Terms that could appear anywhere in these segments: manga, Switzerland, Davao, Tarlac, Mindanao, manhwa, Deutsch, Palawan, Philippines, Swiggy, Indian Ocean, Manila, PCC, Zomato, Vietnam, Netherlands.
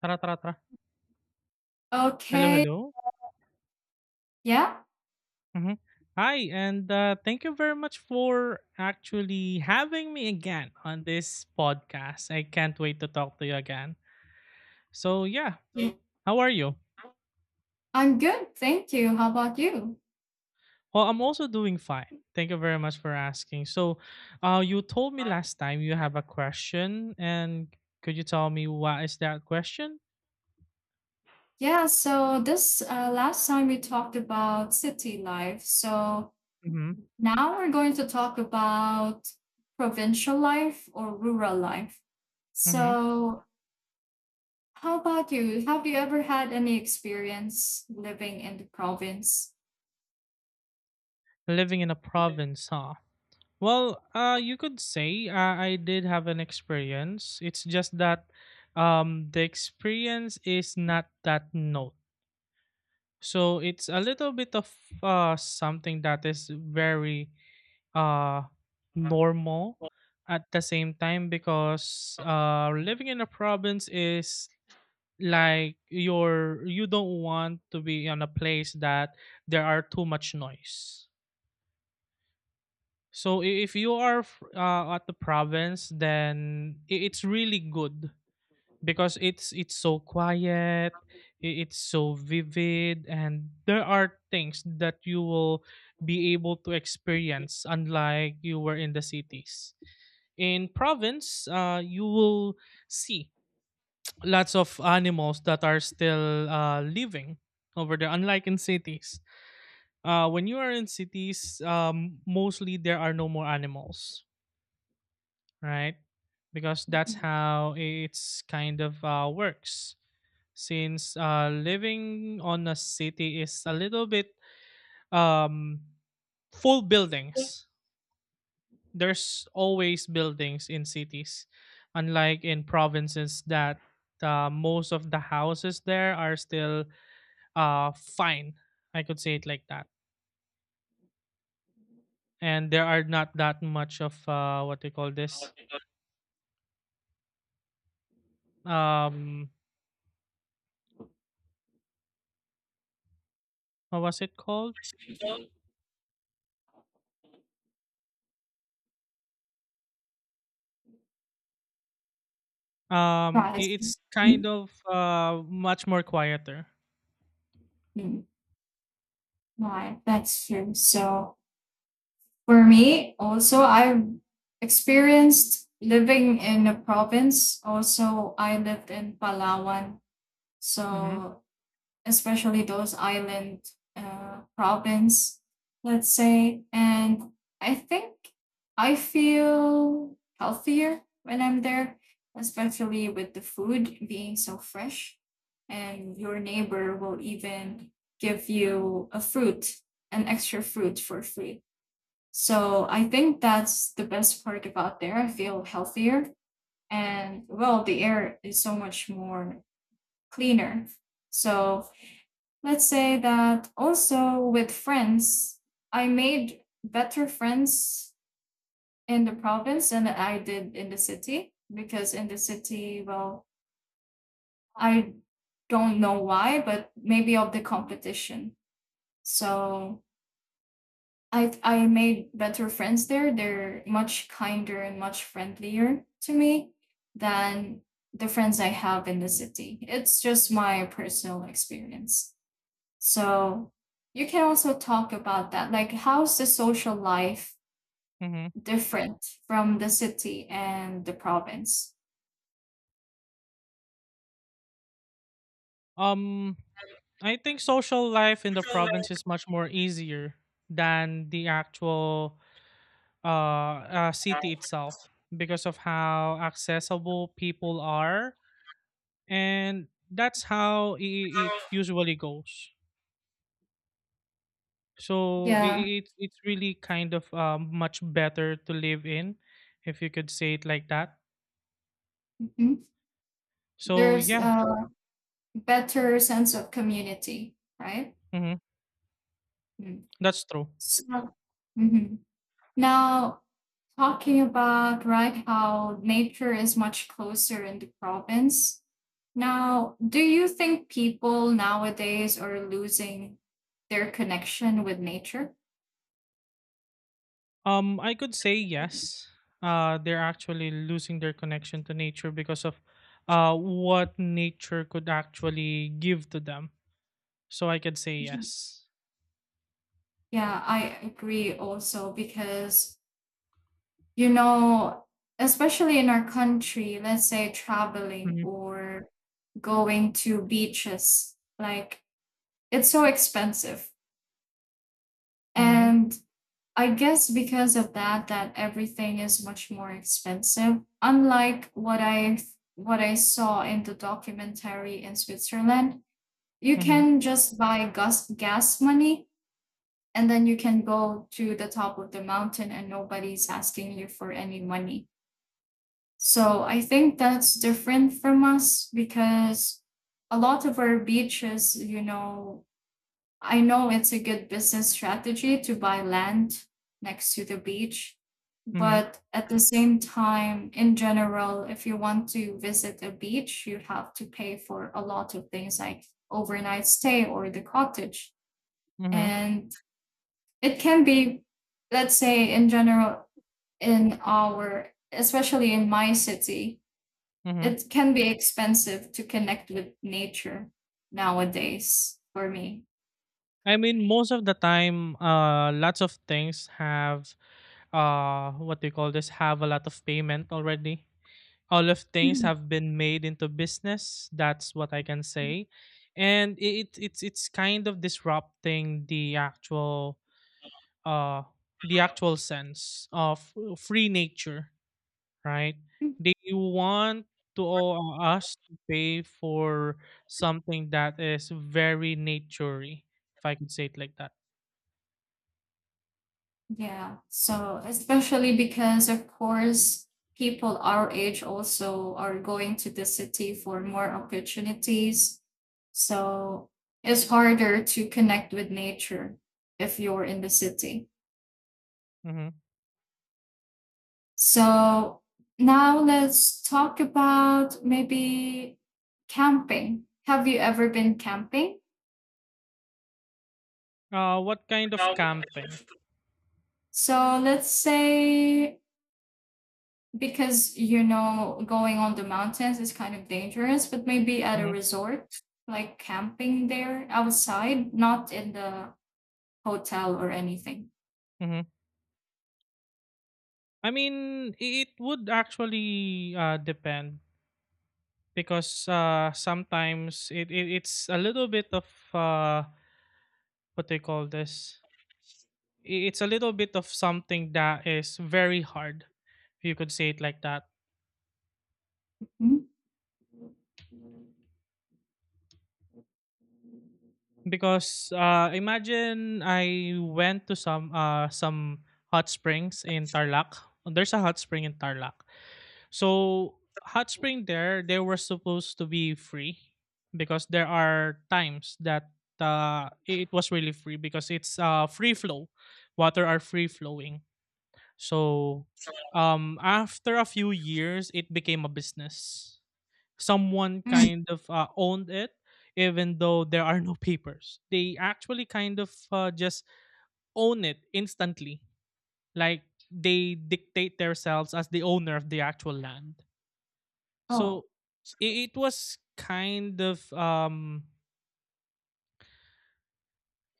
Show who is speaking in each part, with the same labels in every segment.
Speaker 1: Tara, tara, tara. Hello,
Speaker 2: Okay.
Speaker 1: hello.
Speaker 2: Yeah.
Speaker 1: hmm Hi, and thank you very much for actually having me again on this podcast. I can't wait to talk to you again. So, yeah,
Speaker 2: Yeah.
Speaker 1: how are you?
Speaker 2: I'm good. Thank you. How about you?
Speaker 1: Well, I'm also doing fine. Thank you very much for asking. So, you told me last time you have a question, and could you tell me what is that question?
Speaker 2: Yeah. So this last time we talked about city life. So
Speaker 1: Mm-hmm.
Speaker 2: now we're going to talk about provincial life or rural life.
Speaker 1: Mm-hmm.
Speaker 2: So how about you? Have you ever had any experience living in the province?
Speaker 1: Living in a province, huh? Well, you could say I did have an experience. It's just that the experience is not that note. So it's a little bit of something that is very uh, normal at the same time because living in a province is like you don't want to be on a place that there are too much noise. So if you are at the province, then it's really good because it's so quiet, it's so vivid, and there are things that you will be able to experience unlike you were in the cities. In province, you will see lots of animals that are still living over there, unlike in cities. When you are in cities, mostly there are no more animals, right? Because that's
Speaker 2: Mhm.
Speaker 1: how it's kind of works. Since living on a city is a little bit um, full buildings, there's always buildings in cities, unlike in provinces that most of the houses there are still fine. I could say it like that. And there are not that much of what do you call this? Um, what was it called?
Speaker 2: Right.
Speaker 1: It's kind
Speaker 2: Mhm.
Speaker 1: of much more quieter.
Speaker 2: Mhm. Right. That's true. So for me, also, I've experienced living in a province. Also, I lived in Palawan.
Speaker 1: Mm-hmm.
Speaker 2: So, especially those island province, let's say. And I think I feel healthier when I'm there, especially with the food being so fresh. And your neighbor will even give you a fruit, an extra fruit for free, so I think that's the best part about there. I feel healthier, and well, the air is so much more cleaner. So let's say that also with friends, I made better friends in the province than I did in the city because in the city, well, I don't know why, but maybe of the competition. So I made better friends there. They're much kinder and much friendlier to me than the friends I have in the city. It's just my personal experience. So you can also talk about that. Like, how's the social life
Speaker 1: Mm-hmm.
Speaker 2: different from the city and the province?
Speaker 1: Um, I think social life in the province is much more easier than the actual city itself because of how accessible people are, and that's how it usually goes. So it,
Speaker 2: Yeah.
Speaker 1: it it's really kind of much better to live in, if you could say it like that.
Speaker 2: Mhm.
Speaker 1: So
Speaker 2: There's
Speaker 1: yeah,
Speaker 2: a better sense of community, right?
Speaker 1: hmm,
Speaker 2: Mm.
Speaker 1: that's true.
Speaker 2: So. Mhm. Now talking about, right, how nature is much closer in the province. Now, do you think people nowadays are losing their connection with nature?
Speaker 1: I could say yes. They're actually losing their connection to nature because of what nature could actually give to them. So I could say
Speaker 2: Mhm.
Speaker 1: yes.
Speaker 2: Yeah, I agree also because, you know, especially in our country, let's say traveling
Speaker 1: Mm-hmm.
Speaker 2: or going to beaches, like, it's so expensive.
Speaker 1: Mm-hmm.
Speaker 2: And I guess because of that, that everything is much more expensive. Unlike what I saw in the documentary in Switzerland, you
Speaker 1: Mhm,
Speaker 2: can just buy gas money, and then you can go to the top of the mountain and nobody's asking you for any money. So I think that's different from us because a lot of our beaches, you know, I know it's a good business strategy to buy land next to the beach,
Speaker 1: mhm,
Speaker 2: but at the same time, in general, if you want to visit a beach, you have to pay for a lot of things like overnight stay or the cottage.
Speaker 1: mhm,
Speaker 2: And it can be, let's say, in general, in our, especially in my city,
Speaker 1: mhm.
Speaker 2: it can be expensive to connect with nature nowadays for me.
Speaker 1: I mean, most of the time, lots of things have, what do you call this? Have a lot of payment already. All of things
Speaker 2: Mhm.
Speaker 1: have been made into business. That's what I can say, and it's kind of disrupting uh the actual sense of free nature, right? They want to us to pay for something that is very naturey, if I could say it like that.
Speaker 2: Yeah. So, especially because, of course, people our age also are going to the city for more opportunities. So it's harder to connect with nature if you're in the city.
Speaker 1: Hmm.
Speaker 2: So now let's talk about maybe camping. Have you ever been camping?
Speaker 1: What kind of camping?
Speaker 2: So let's say, because you know going on the mountains is kind of dangerous, but maybe at a
Speaker 1: Hmm.
Speaker 2: resort, like camping there outside, not in the hotel or anything.
Speaker 1: Hmm. I mean, it would actually depend because sometimes it's a little bit of uh, what they call this. I- It's a little bit of something that is very hard, if you could say it like that
Speaker 2: Mm.
Speaker 1: because imagine I went to some hot springs in Tarlac. There's a hot spring in Tarlac. So hot spring there, they were supposed to be free because there are times that it was really free because it's free flow, water are free flowing. So after a few years, it became a business. Someone
Speaker 2: Mm.
Speaker 1: kind of owned it even though there are no papers. They actually kind of just own it instantly, like they dictate themselves as the owner of the actual land. So
Speaker 2: Oh.
Speaker 1: it was kind of um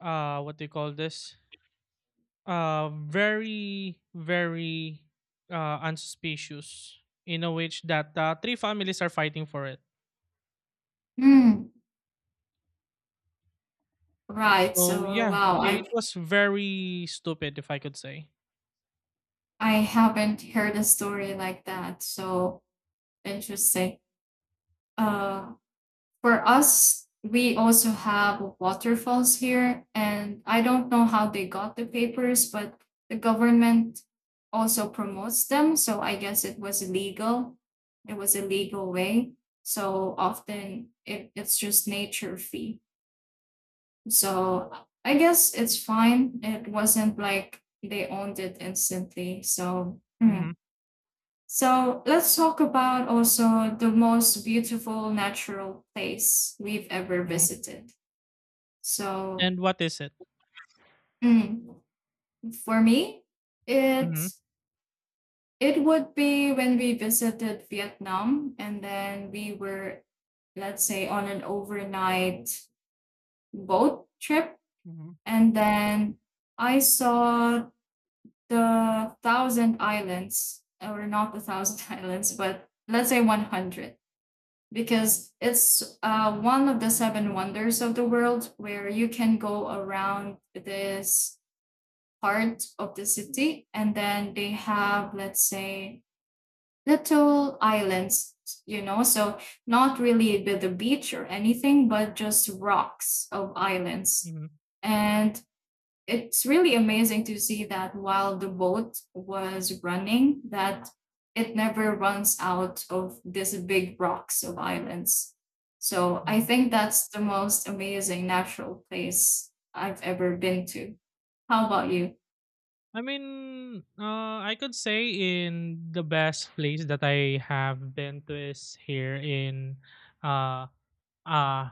Speaker 1: uh what do you call this, very very unsuspicious, in a which that three families are fighting for it.
Speaker 2: Mm. Right.
Speaker 1: So
Speaker 2: So
Speaker 1: yeah,
Speaker 2: wow,
Speaker 1: it was very stupid if I could say.
Speaker 2: I haven't heard a story like that. So interesting. Uh, for us, we also have waterfalls here, and I don't know how they got the papers, but the government also promotes them. So I guess it was legal. It was a legal way. So often it's just nature fee. So I guess it's fine. It wasn't like they owned it instantly. So.
Speaker 1: Mm-hmm,
Speaker 2: Mm. So let's talk about also the most beautiful natural place we've ever
Speaker 1: mm-hmm.
Speaker 2: visited. So
Speaker 1: And what is it?
Speaker 2: mm, for me, it
Speaker 1: Mm-hmm,
Speaker 2: it would be when we visited Vietnam and then we were, let's say, on an overnight boat trip.
Speaker 1: mm-hmm,
Speaker 2: And then I saw the thousand islands, or not the thousand islands, but let's say 100 because it's one of the seven wonders of the world, where you can go around this part of the city and then they have, let's say, little islands, so not really with the beach or anything but just rocks of islands.
Speaker 1: mm-hmm,
Speaker 2: And it's really amazing to see that while the boat was running, that it never runs out of these big rocks of islands. So I
Speaker 1: hmm.
Speaker 2: think that's the most amazing natural place I've ever been to. How about you?
Speaker 1: I mean, I could say in the best place that I have been to is here in uh, Uh,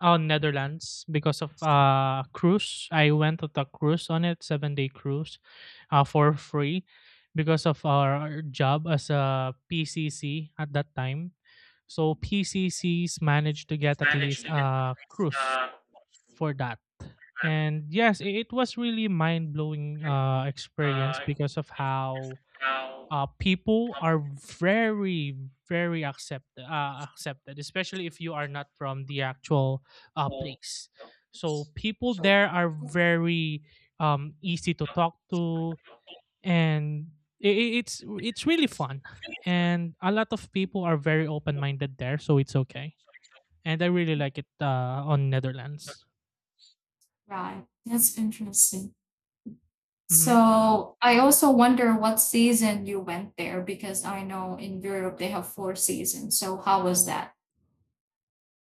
Speaker 1: on Netherlands because of cruise. I went on a cruise on it, 7 day cruise, for free because of our job as a PCC at that time. So PCCs managed to get at least a cruise for that. And yes, it was really mind blowing experience because of how people are very very accept accepted, especially if you are not from the actual place. So people there are very easy to talk to, and it's really fun, and a lot of people are very open-minded there, so it's okay, and I really like it on Netherlands.
Speaker 2: Right. That's interesting.
Speaker 1: Hmm.
Speaker 2: So I also wonder what season you went there, because I know in Europe they have four seasons. So how was that?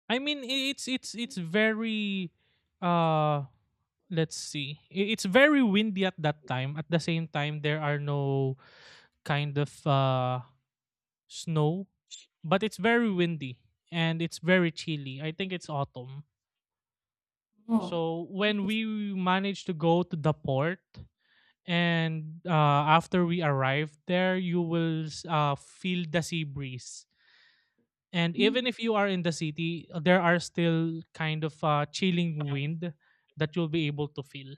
Speaker 1: I mean, it's very uh let's see. It's very windy at that time. At the same time, there are no kind of snow, but it's very windy and it's very chilly. I think it's autumn.
Speaker 2: Oh.
Speaker 1: So when we managed to go to the port, and after we arrived there, you will feel the sea breeze. And even
Speaker 2: Mm.
Speaker 1: if you are in the city, there are still kind of chilling wind that you'll be able to feel.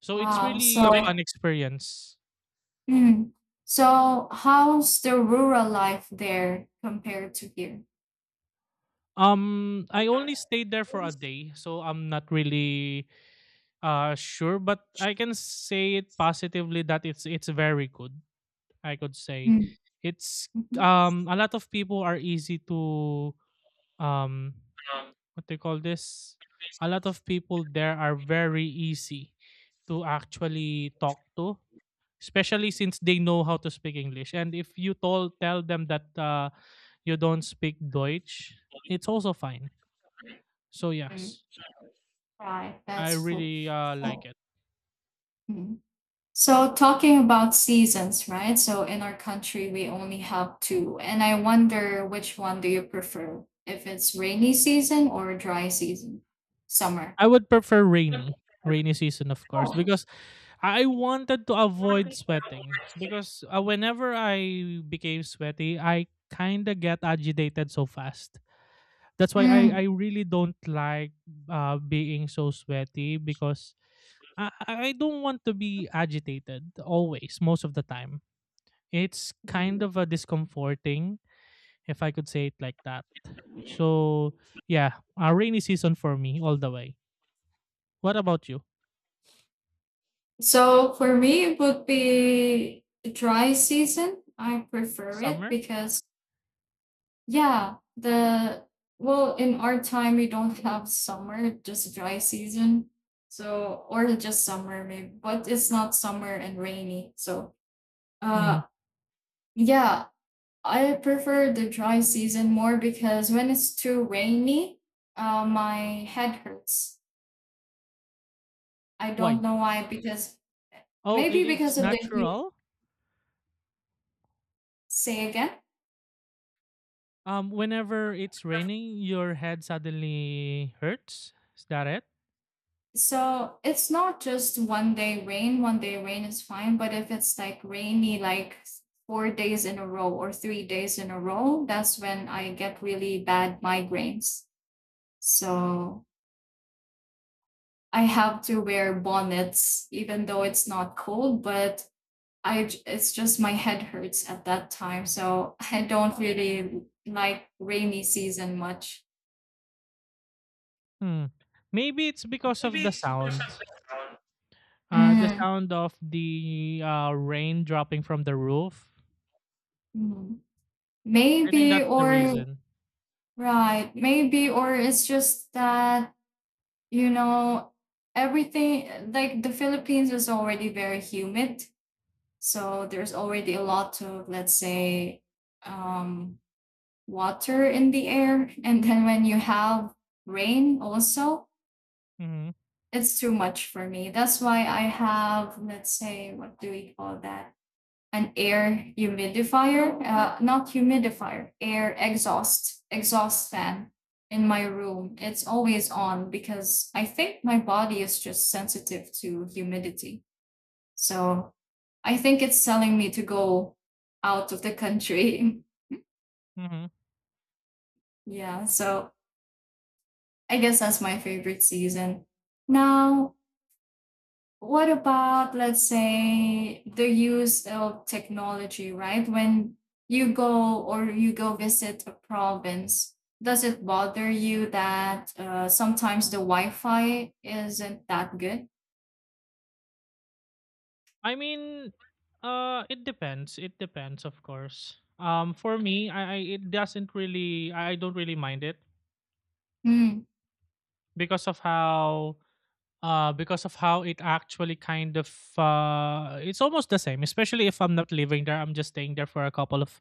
Speaker 1: So it's
Speaker 2: Wow.
Speaker 1: really a
Speaker 2: So.
Speaker 1: fun experience.
Speaker 2: Mm. So how's the rural life there compared to here?
Speaker 1: I only stayed there for a day, so I'm not really sure, but I can say it positively that it's very good. I could say
Speaker 2: Mm.
Speaker 1: it's
Speaker 2: Mhm.
Speaker 1: a lot of people are easy to um what they call this. A lot of people there are very easy to actually talk to, especially since they know how to speak English. And if you told tell them that you don't speak Deutsch, it's also fine. So
Speaker 2: Mm.
Speaker 1: yes.
Speaker 2: Right,
Speaker 1: I
Speaker 2: that's cool.
Speaker 1: really
Speaker 2: So.
Speaker 1: like it.
Speaker 2: Mm. So, talking about seasons, right? So in our country, we only have two, and I wonder which one do you prefer, if it's rainy season or dry season, summer.
Speaker 1: I would prefer rainy season, of course, because I wanted to avoid sweating. Because whenever I became sweaty, I kind of get agitated so fast. That's why
Speaker 2: Mm.
Speaker 1: I really don't like being so sweaty because I don't want to be agitated always, most of the time. It's kind
Speaker 2: Mm.
Speaker 1: of a discomforting, if I could say it like that. So, yeah, a rainy season for me all the way. What about you?
Speaker 2: So for me, it would be dry season. I prefer it
Speaker 1: Summer?
Speaker 2: because. Yeah, the well, in our time we don't have summer, just dry season. So, or just summer maybe, but it's not summer and rainy. So
Speaker 1: Mm.
Speaker 2: uh yeah, I prefer the dry season more because when it's too rainy, my head hurts. I don't
Speaker 1: Why?
Speaker 2: know why, because
Speaker 1: Oh,
Speaker 2: maybe because
Speaker 1: it's
Speaker 2: of the heat.
Speaker 1: natural.
Speaker 2: Say again.
Speaker 1: Whenever it's raining, your head suddenly hurts. Is that it?
Speaker 2: So it's not just one day rain is fine, but if it's like rainy, like 4 days in a row or 3 days in a row, that's when I get really bad migraines. So I have to wear bonnets, even though it's not cold, but it's just my head hurts at that time. So I don't really like rainy season much.
Speaker 1: Hmm. Maybe it's because of the sound. The
Speaker 2: Mm,
Speaker 1: sound of the rain dropping from the roof.
Speaker 2: mm.
Speaker 1: I think
Speaker 2: Maybe.
Speaker 1: that's the
Speaker 2: Or.
Speaker 1: reason.
Speaker 2: Right. Maybe, or it's just that, you know, everything like the Philippines is already very humid. So there's already a lot of, let's say, um, water in the air. And then when you have rain also,
Speaker 1: Hmm.
Speaker 2: it's too much for me. That's why I have, let's say, what do we call that? An air humidifier, not humidifier, air exhaust, exhaust fan in my room. It's always on because I think my body is just sensitive to humidity. So I think it's telling me to go out of the country.
Speaker 1: Hmm.
Speaker 2: Yeah. So I guess that's my favorite season. Now, what about, let's say, the use of technology, right, when you go or you go visit a province, does it bother you that, sometimes the wi-fi isn't that good?
Speaker 1: I mean, it depends. It depends, of course. For me, I it doesn't really. I don't really mind it
Speaker 2: Mm,
Speaker 1: because of how it actually kind of it's almost the same, especially if I'm not living there. I'm just staying there for a couple of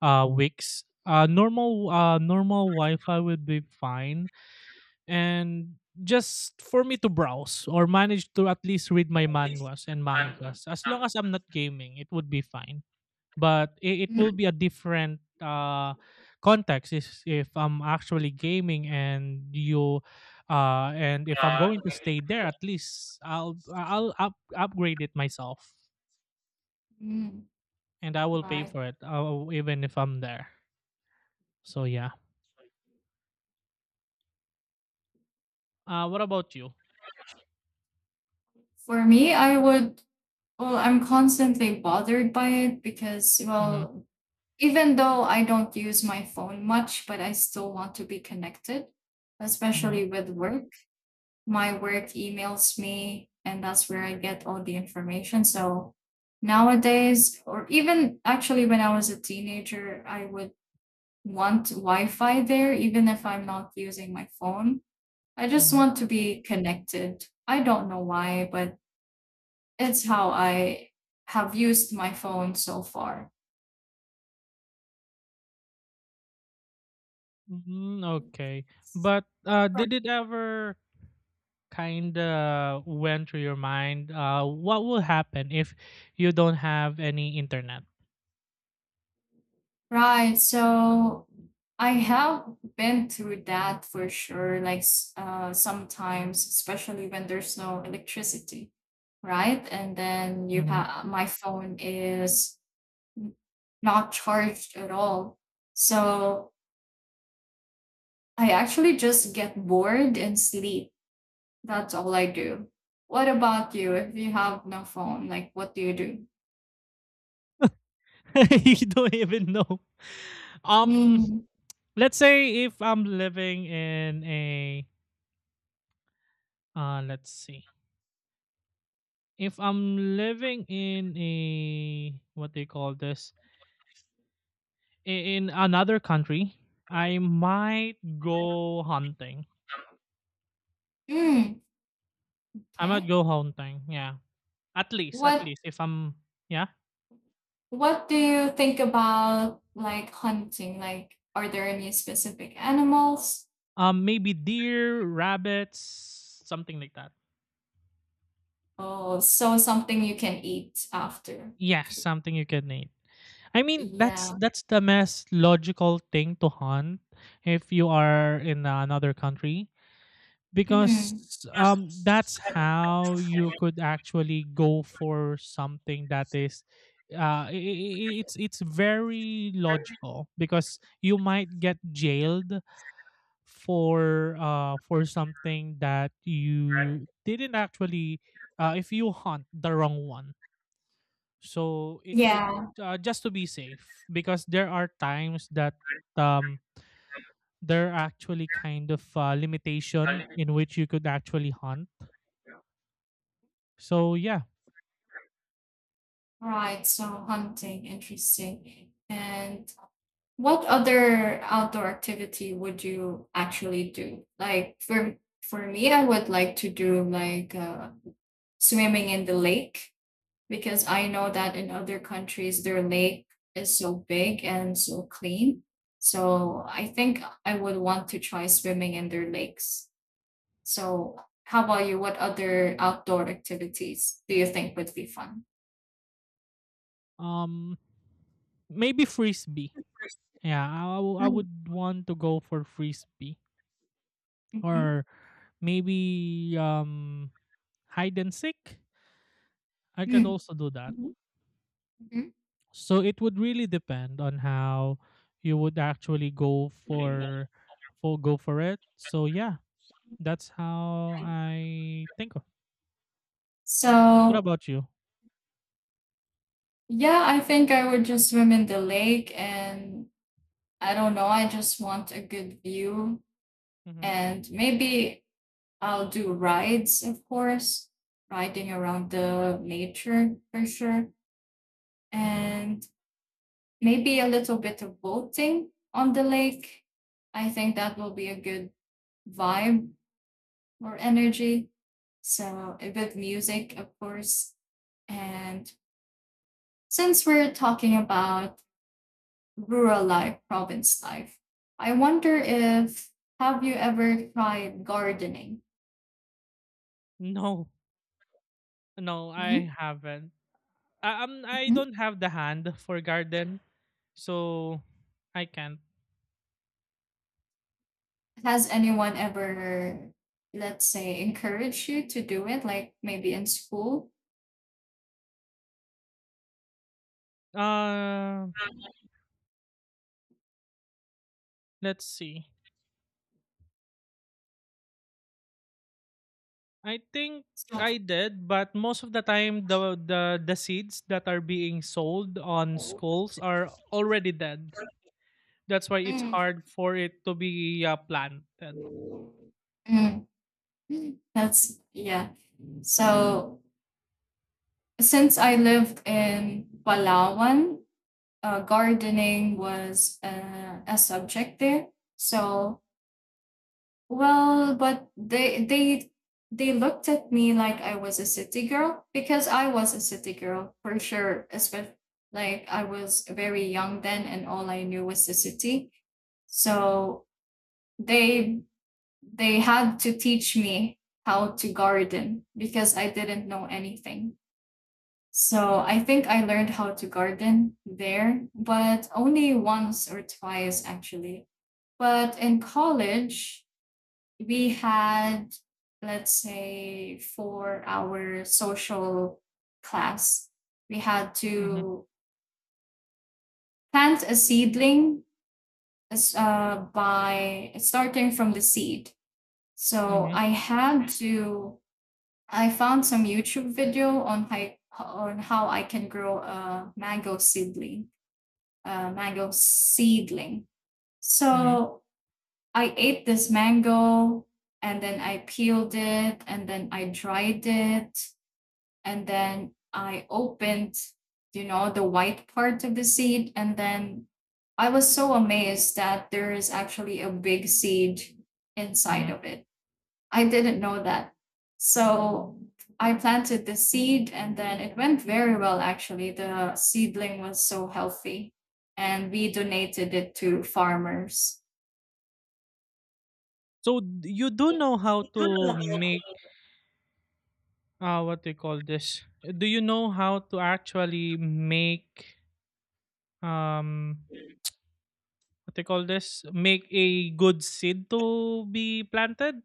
Speaker 1: weeks. Normal wi-fi would be fine, and just for me to browse or manage to at least read my manhwas and mangas. As long as I'm not gaming, it would be fine. But it will
Speaker 2: mm,
Speaker 1: be a different context is if I'm actually gaming and you and if I'm going to stay there, at least I'll upgrade it myself,
Speaker 2: mm.
Speaker 1: and I will pay
Speaker 2: Right.
Speaker 1: for it even if I'm there. So yeah, uh, what about you?
Speaker 2: For me, I would, well, I'm constantly bothered by it because,
Speaker 1: Mm-hmm,
Speaker 2: well, even though I don't use my phone much, but I still want to be connected,
Speaker 1: mm-hmm,
Speaker 2: especially with work. My work emails me, and that's where I get all the information. So nowadays, or even actually when I was a teenager, I would want Wi Fi there, even if I'm not using my phone. I just
Speaker 1: mm-hmm.
Speaker 2: want to be connected. I don't know why, but it's how I have used my phone so far.
Speaker 1: Mm, okay, but did it ever kind of went through your mind what will happen if you don't have any internet?
Speaker 2: Right. So I have been through that for sure. Like, sometimes, especially when there's no electricity, right? And then you
Speaker 1: Mm-hmm.
Speaker 2: have, my phone is n- not charged at all. So I actually just get bored and sleep. That's all I do. What about you? If you have no phone, like, what do you do?
Speaker 1: You don't even know. Um,
Speaker 2: Mm.
Speaker 1: let's say if I'm living in a let's see, if I'm living in a what they call this, in another country, I might go hunting.
Speaker 2: Mm.
Speaker 1: I might
Speaker 2: Okay.
Speaker 1: go hunting. Yeah, at
Speaker 2: What
Speaker 1: least if I'm yeah,
Speaker 2: What do you think about, like, hunting? Like, are there any specific animals?
Speaker 1: maybe deer, rabbits, something like that.
Speaker 2: Oh, so something you can eat after.
Speaker 1: Yes, something you can eat. I mean,
Speaker 2: Yeah.
Speaker 1: that's the most logical thing to hunt if you are in another country
Speaker 2: Mhm.
Speaker 1: because that's how you could actually go for something that is it's very logical because you might get jailed for something that you didn't actually if you hunt the wrong one, so it would
Speaker 2: Yeah.
Speaker 1: just to be safe because there are times that um there are actually kind of limitation in which you could actually hunt. So yeah,
Speaker 2: Right. So hunting, interesting. And what other outdoor activity would you actually do? Like, for me, I would like to do like, swimming in the lake. Because I know that in other countries, their lake is so big and so clean. So I think I would want to try swimming in their lakes. So how about you? What other outdoor activities do you think would be fun?
Speaker 1: um, maybe frisbee. Yeah, I
Speaker 2: Mm.
Speaker 1: would want to go for frisbee
Speaker 2: Hmm.
Speaker 1: or maybe hide and seek. I could
Speaker 2: Mm.
Speaker 1: also do that.
Speaker 2: Mhm. Hmm.
Speaker 1: So it would really depend on how you would actually go for go for it. So yeah, that's how
Speaker 2: Right.
Speaker 1: I think of. What
Speaker 2: So
Speaker 1: about you?
Speaker 2: yeah, I think I would just swim in the lake, and I don't know, I just want a good view
Speaker 1: Mhm.
Speaker 2: and maybe I'll do rides, of course, riding around the nature for sure,
Speaker 1: Mhm.
Speaker 2: and maybe a little bit of boating on the lake. I think that will be a good vibe or energy. So a bit music, of course. And since we're talking about rural life, province life, I wonder if have you ever tried gardening?
Speaker 1: No. No,
Speaker 2: Hmm?
Speaker 1: I haven't. I, um, I don't have the hand for garden, so I can't.
Speaker 2: Has anyone ever, let's say, encouraged you to do it, like maybe in school?
Speaker 1: Uh, let's see. I think
Speaker 2: So.
Speaker 1: I did, but most of the time the seeds that are being sold on schools are already dead. That's why it's
Speaker 2: Mm,
Speaker 1: hard for it to be planted.
Speaker 2: mm, mm. That's, yeah. So since I lived in Palawan, gardening was a subject there. So, well, but they looked at me like I was a city girl, because I was a city girl for sure. Especially, like, I was very young then, and all I knew was the city. So they they had to teach me how to garden because I didn't know anything. So I think I learned how to garden there, but only once or twice actually. But in college, we had, let's say for our social class, we had
Speaker 1: Mhm.
Speaker 2: to plant a seedling as, by starting from the seed, so
Speaker 1: Mhm.
Speaker 2: I had to, I found some YouTube video on how I can grow a mango seedling, a mango seedling
Speaker 1: Mhm.
Speaker 2: so I ate this mango and then I peeled it and then I dried it and then I opened, the white part of the seed, and then I was so amazed that there is actually a big seed inside
Speaker 1: Mhm.
Speaker 2: of it. I didn't know that. So I planted the seed and then it went very well actually. The seedling was so healthy and we donated it to farmers.
Speaker 1: So you do know how to make what do you call this? Do you know how to actually make um what do you call this? Make a good seed to be planted?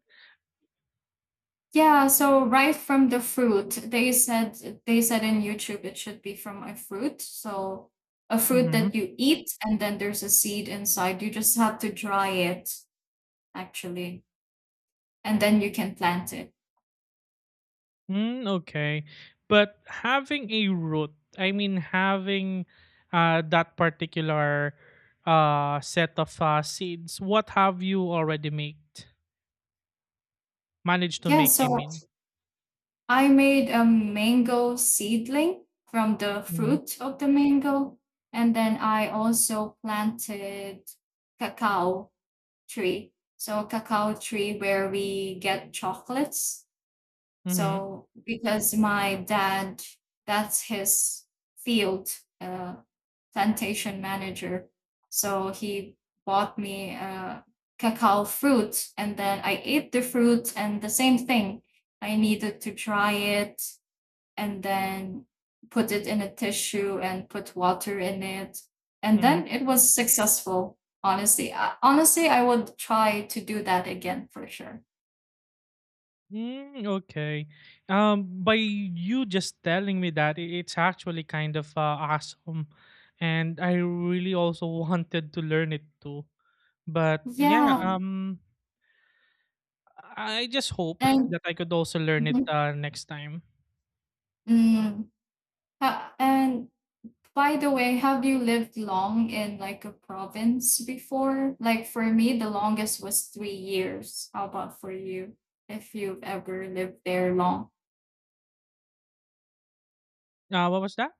Speaker 2: Yeah, so right from the fruit, they said in YouTube it should be from a fruit. So a fruit
Speaker 1: Mm-hmm.
Speaker 2: that you eat and then there's a seed inside. You just have to dry it, actually, and then you can plant it.
Speaker 1: Mm, okay. But having a root, I mean having that particular set of seeds, what have you already made? Managed to
Speaker 2: Yeah,
Speaker 1: make, I
Speaker 2: so
Speaker 1: mean.
Speaker 2: I made a mango seedling from the
Speaker 1: Mm-hmm.
Speaker 2: fruit of the mango, and then I also planted cacao tree. So cacao tree where we get chocolates.
Speaker 1: Mm-hmm.
Speaker 2: So because my dad, that's his field, uh, plantation manager. So he bought me cacao fruit, and then I ate the fruit, and the same thing. I needed to dry it and then put it in a tissue and put water in it, and
Speaker 1: Mm-hmm.
Speaker 2: then it was successful. Honestly, I would try to do that again for sure.
Speaker 1: Mm, okay. By you just telling me that, it's actually kind of awesome, and I really also wanted to learn it too. But yeah,
Speaker 2: Yeah,
Speaker 1: I just hope
Speaker 2: and.
Speaker 1: that I could also learn it next time.
Speaker 2: Mhm. And by the way, have you lived long in, like, a province before? Like, for me, the longest was 3 years. How about for you? If you've ever lived there long.
Speaker 1: What was that?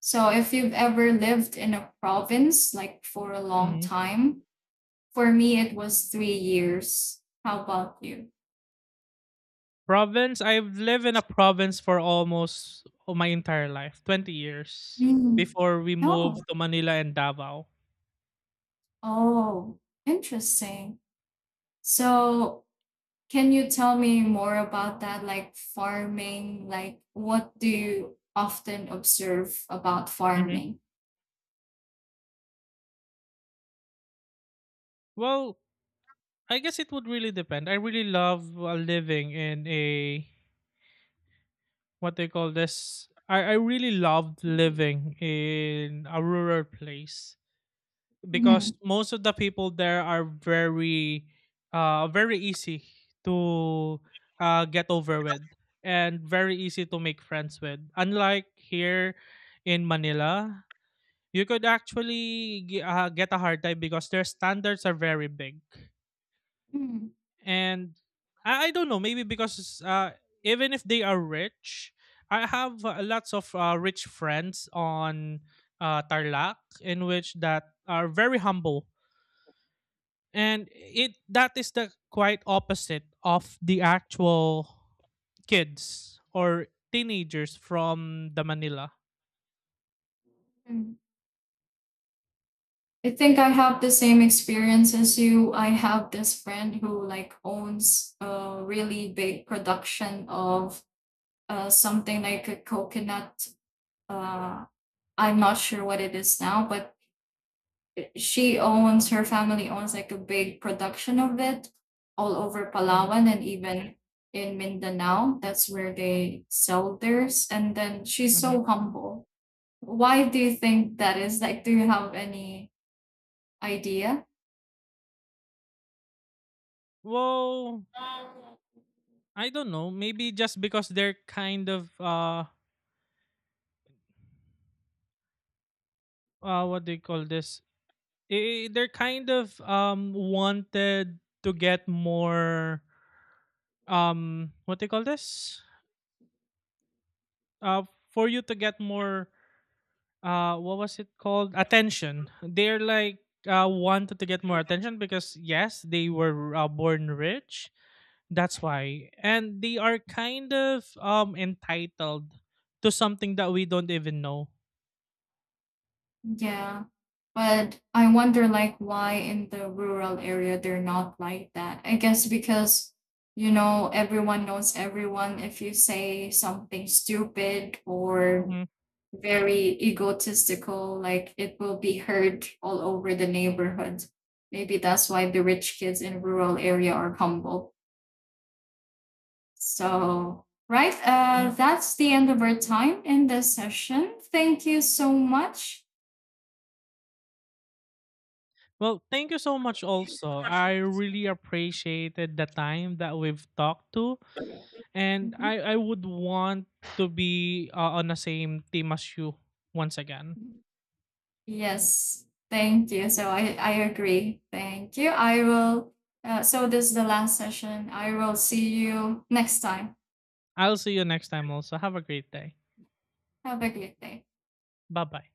Speaker 2: So if you've ever lived in a province like, for a long
Speaker 1: Hmm.
Speaker 2: time, for me it was 3 years. How about you?
Speaker 1: Province. I've lived in a province for almost oh, my entire life, 20 years
Speaker 2: Mm.
Speaker 1: before we
Speaker 2: No.
Speaker 1: moved to Manila and Davao.
Speaker 2: Oh, interesting. So can you tell me more about that? Like, farming, like, what do you often observe about
Speaker 1: Hmm.
Speaker 2: farming?
Speaker 1: Well, I guess it would really depend. I really love living in a what they call this. I really loved
Speaker 2: Mm.
Speaker 1: living in a rural place because
Speaker 2: Mhm,
Speaker 1: most of the people there are very, very easy to get over with and very easy to make friends with. Unlike here in Manila, you could actually get a hard time because their standards are very big,
Speaker 2: mm,
Speaker 1: and I don't know, maybe because even if they are rich, I have lots of rich friends on Tarlac in which that are very humble, and it that is the quite opposite of the actual kids or teenagers from the Manila.
Speaker 2: mm. I think I have the same experience as you. I have this friend who, like, owns a really big production of, something like a coconut. Uh, I'm not sure what it is now, but she owns her family owns like a big production of it all over
Speaker 1: Hmm.
Speaker 2: Palawan and even in Mindanao. That's where they sell theirs. And then she's
Speaker 1: Hmm.
Speaker 2: so humble. Why do you think that is? Like, do you have any idea?
Speaker 1: Well, I don't know, maybe just because they're kind of what do you call this. Eh, they're kind of wanted to get more what do you call this, uh for you to get more what was it called, attention. They're like wanted to get more attention because yes they were born rich, that's why, and they are kind of entitled to something that we don't even know.
Speaker 2: Yeah. But I wonder, like, why in the rural area they're not like that. I guess because, everyone knows everyone. If you say something stupid or
Speaker 1: Mm-hmm.
Speaker 2: very egotistical, like, it will be heard all over the neighborhood. Maybe that's why the rich kids in rural area are humble. So, right,
Speaker 1: Mhm.
Speaker 2: that's the end of our time in this session. Thank you so much.
Speaker 1: Well, thank you so much also. I really appreciated the time that we've talked to, and
Speaker 2: Mhm.
Speaker 1: I would want to be on the same team as you once again.
Speaker 2: Yes, thank you. So I agree. Thank you. I will. So this is the last session. I will see you next time.
Speaker 1: I'll see you next time also. Have a great day.
Speaker 2: Have a great day.
Speaker 1: Bye-bye.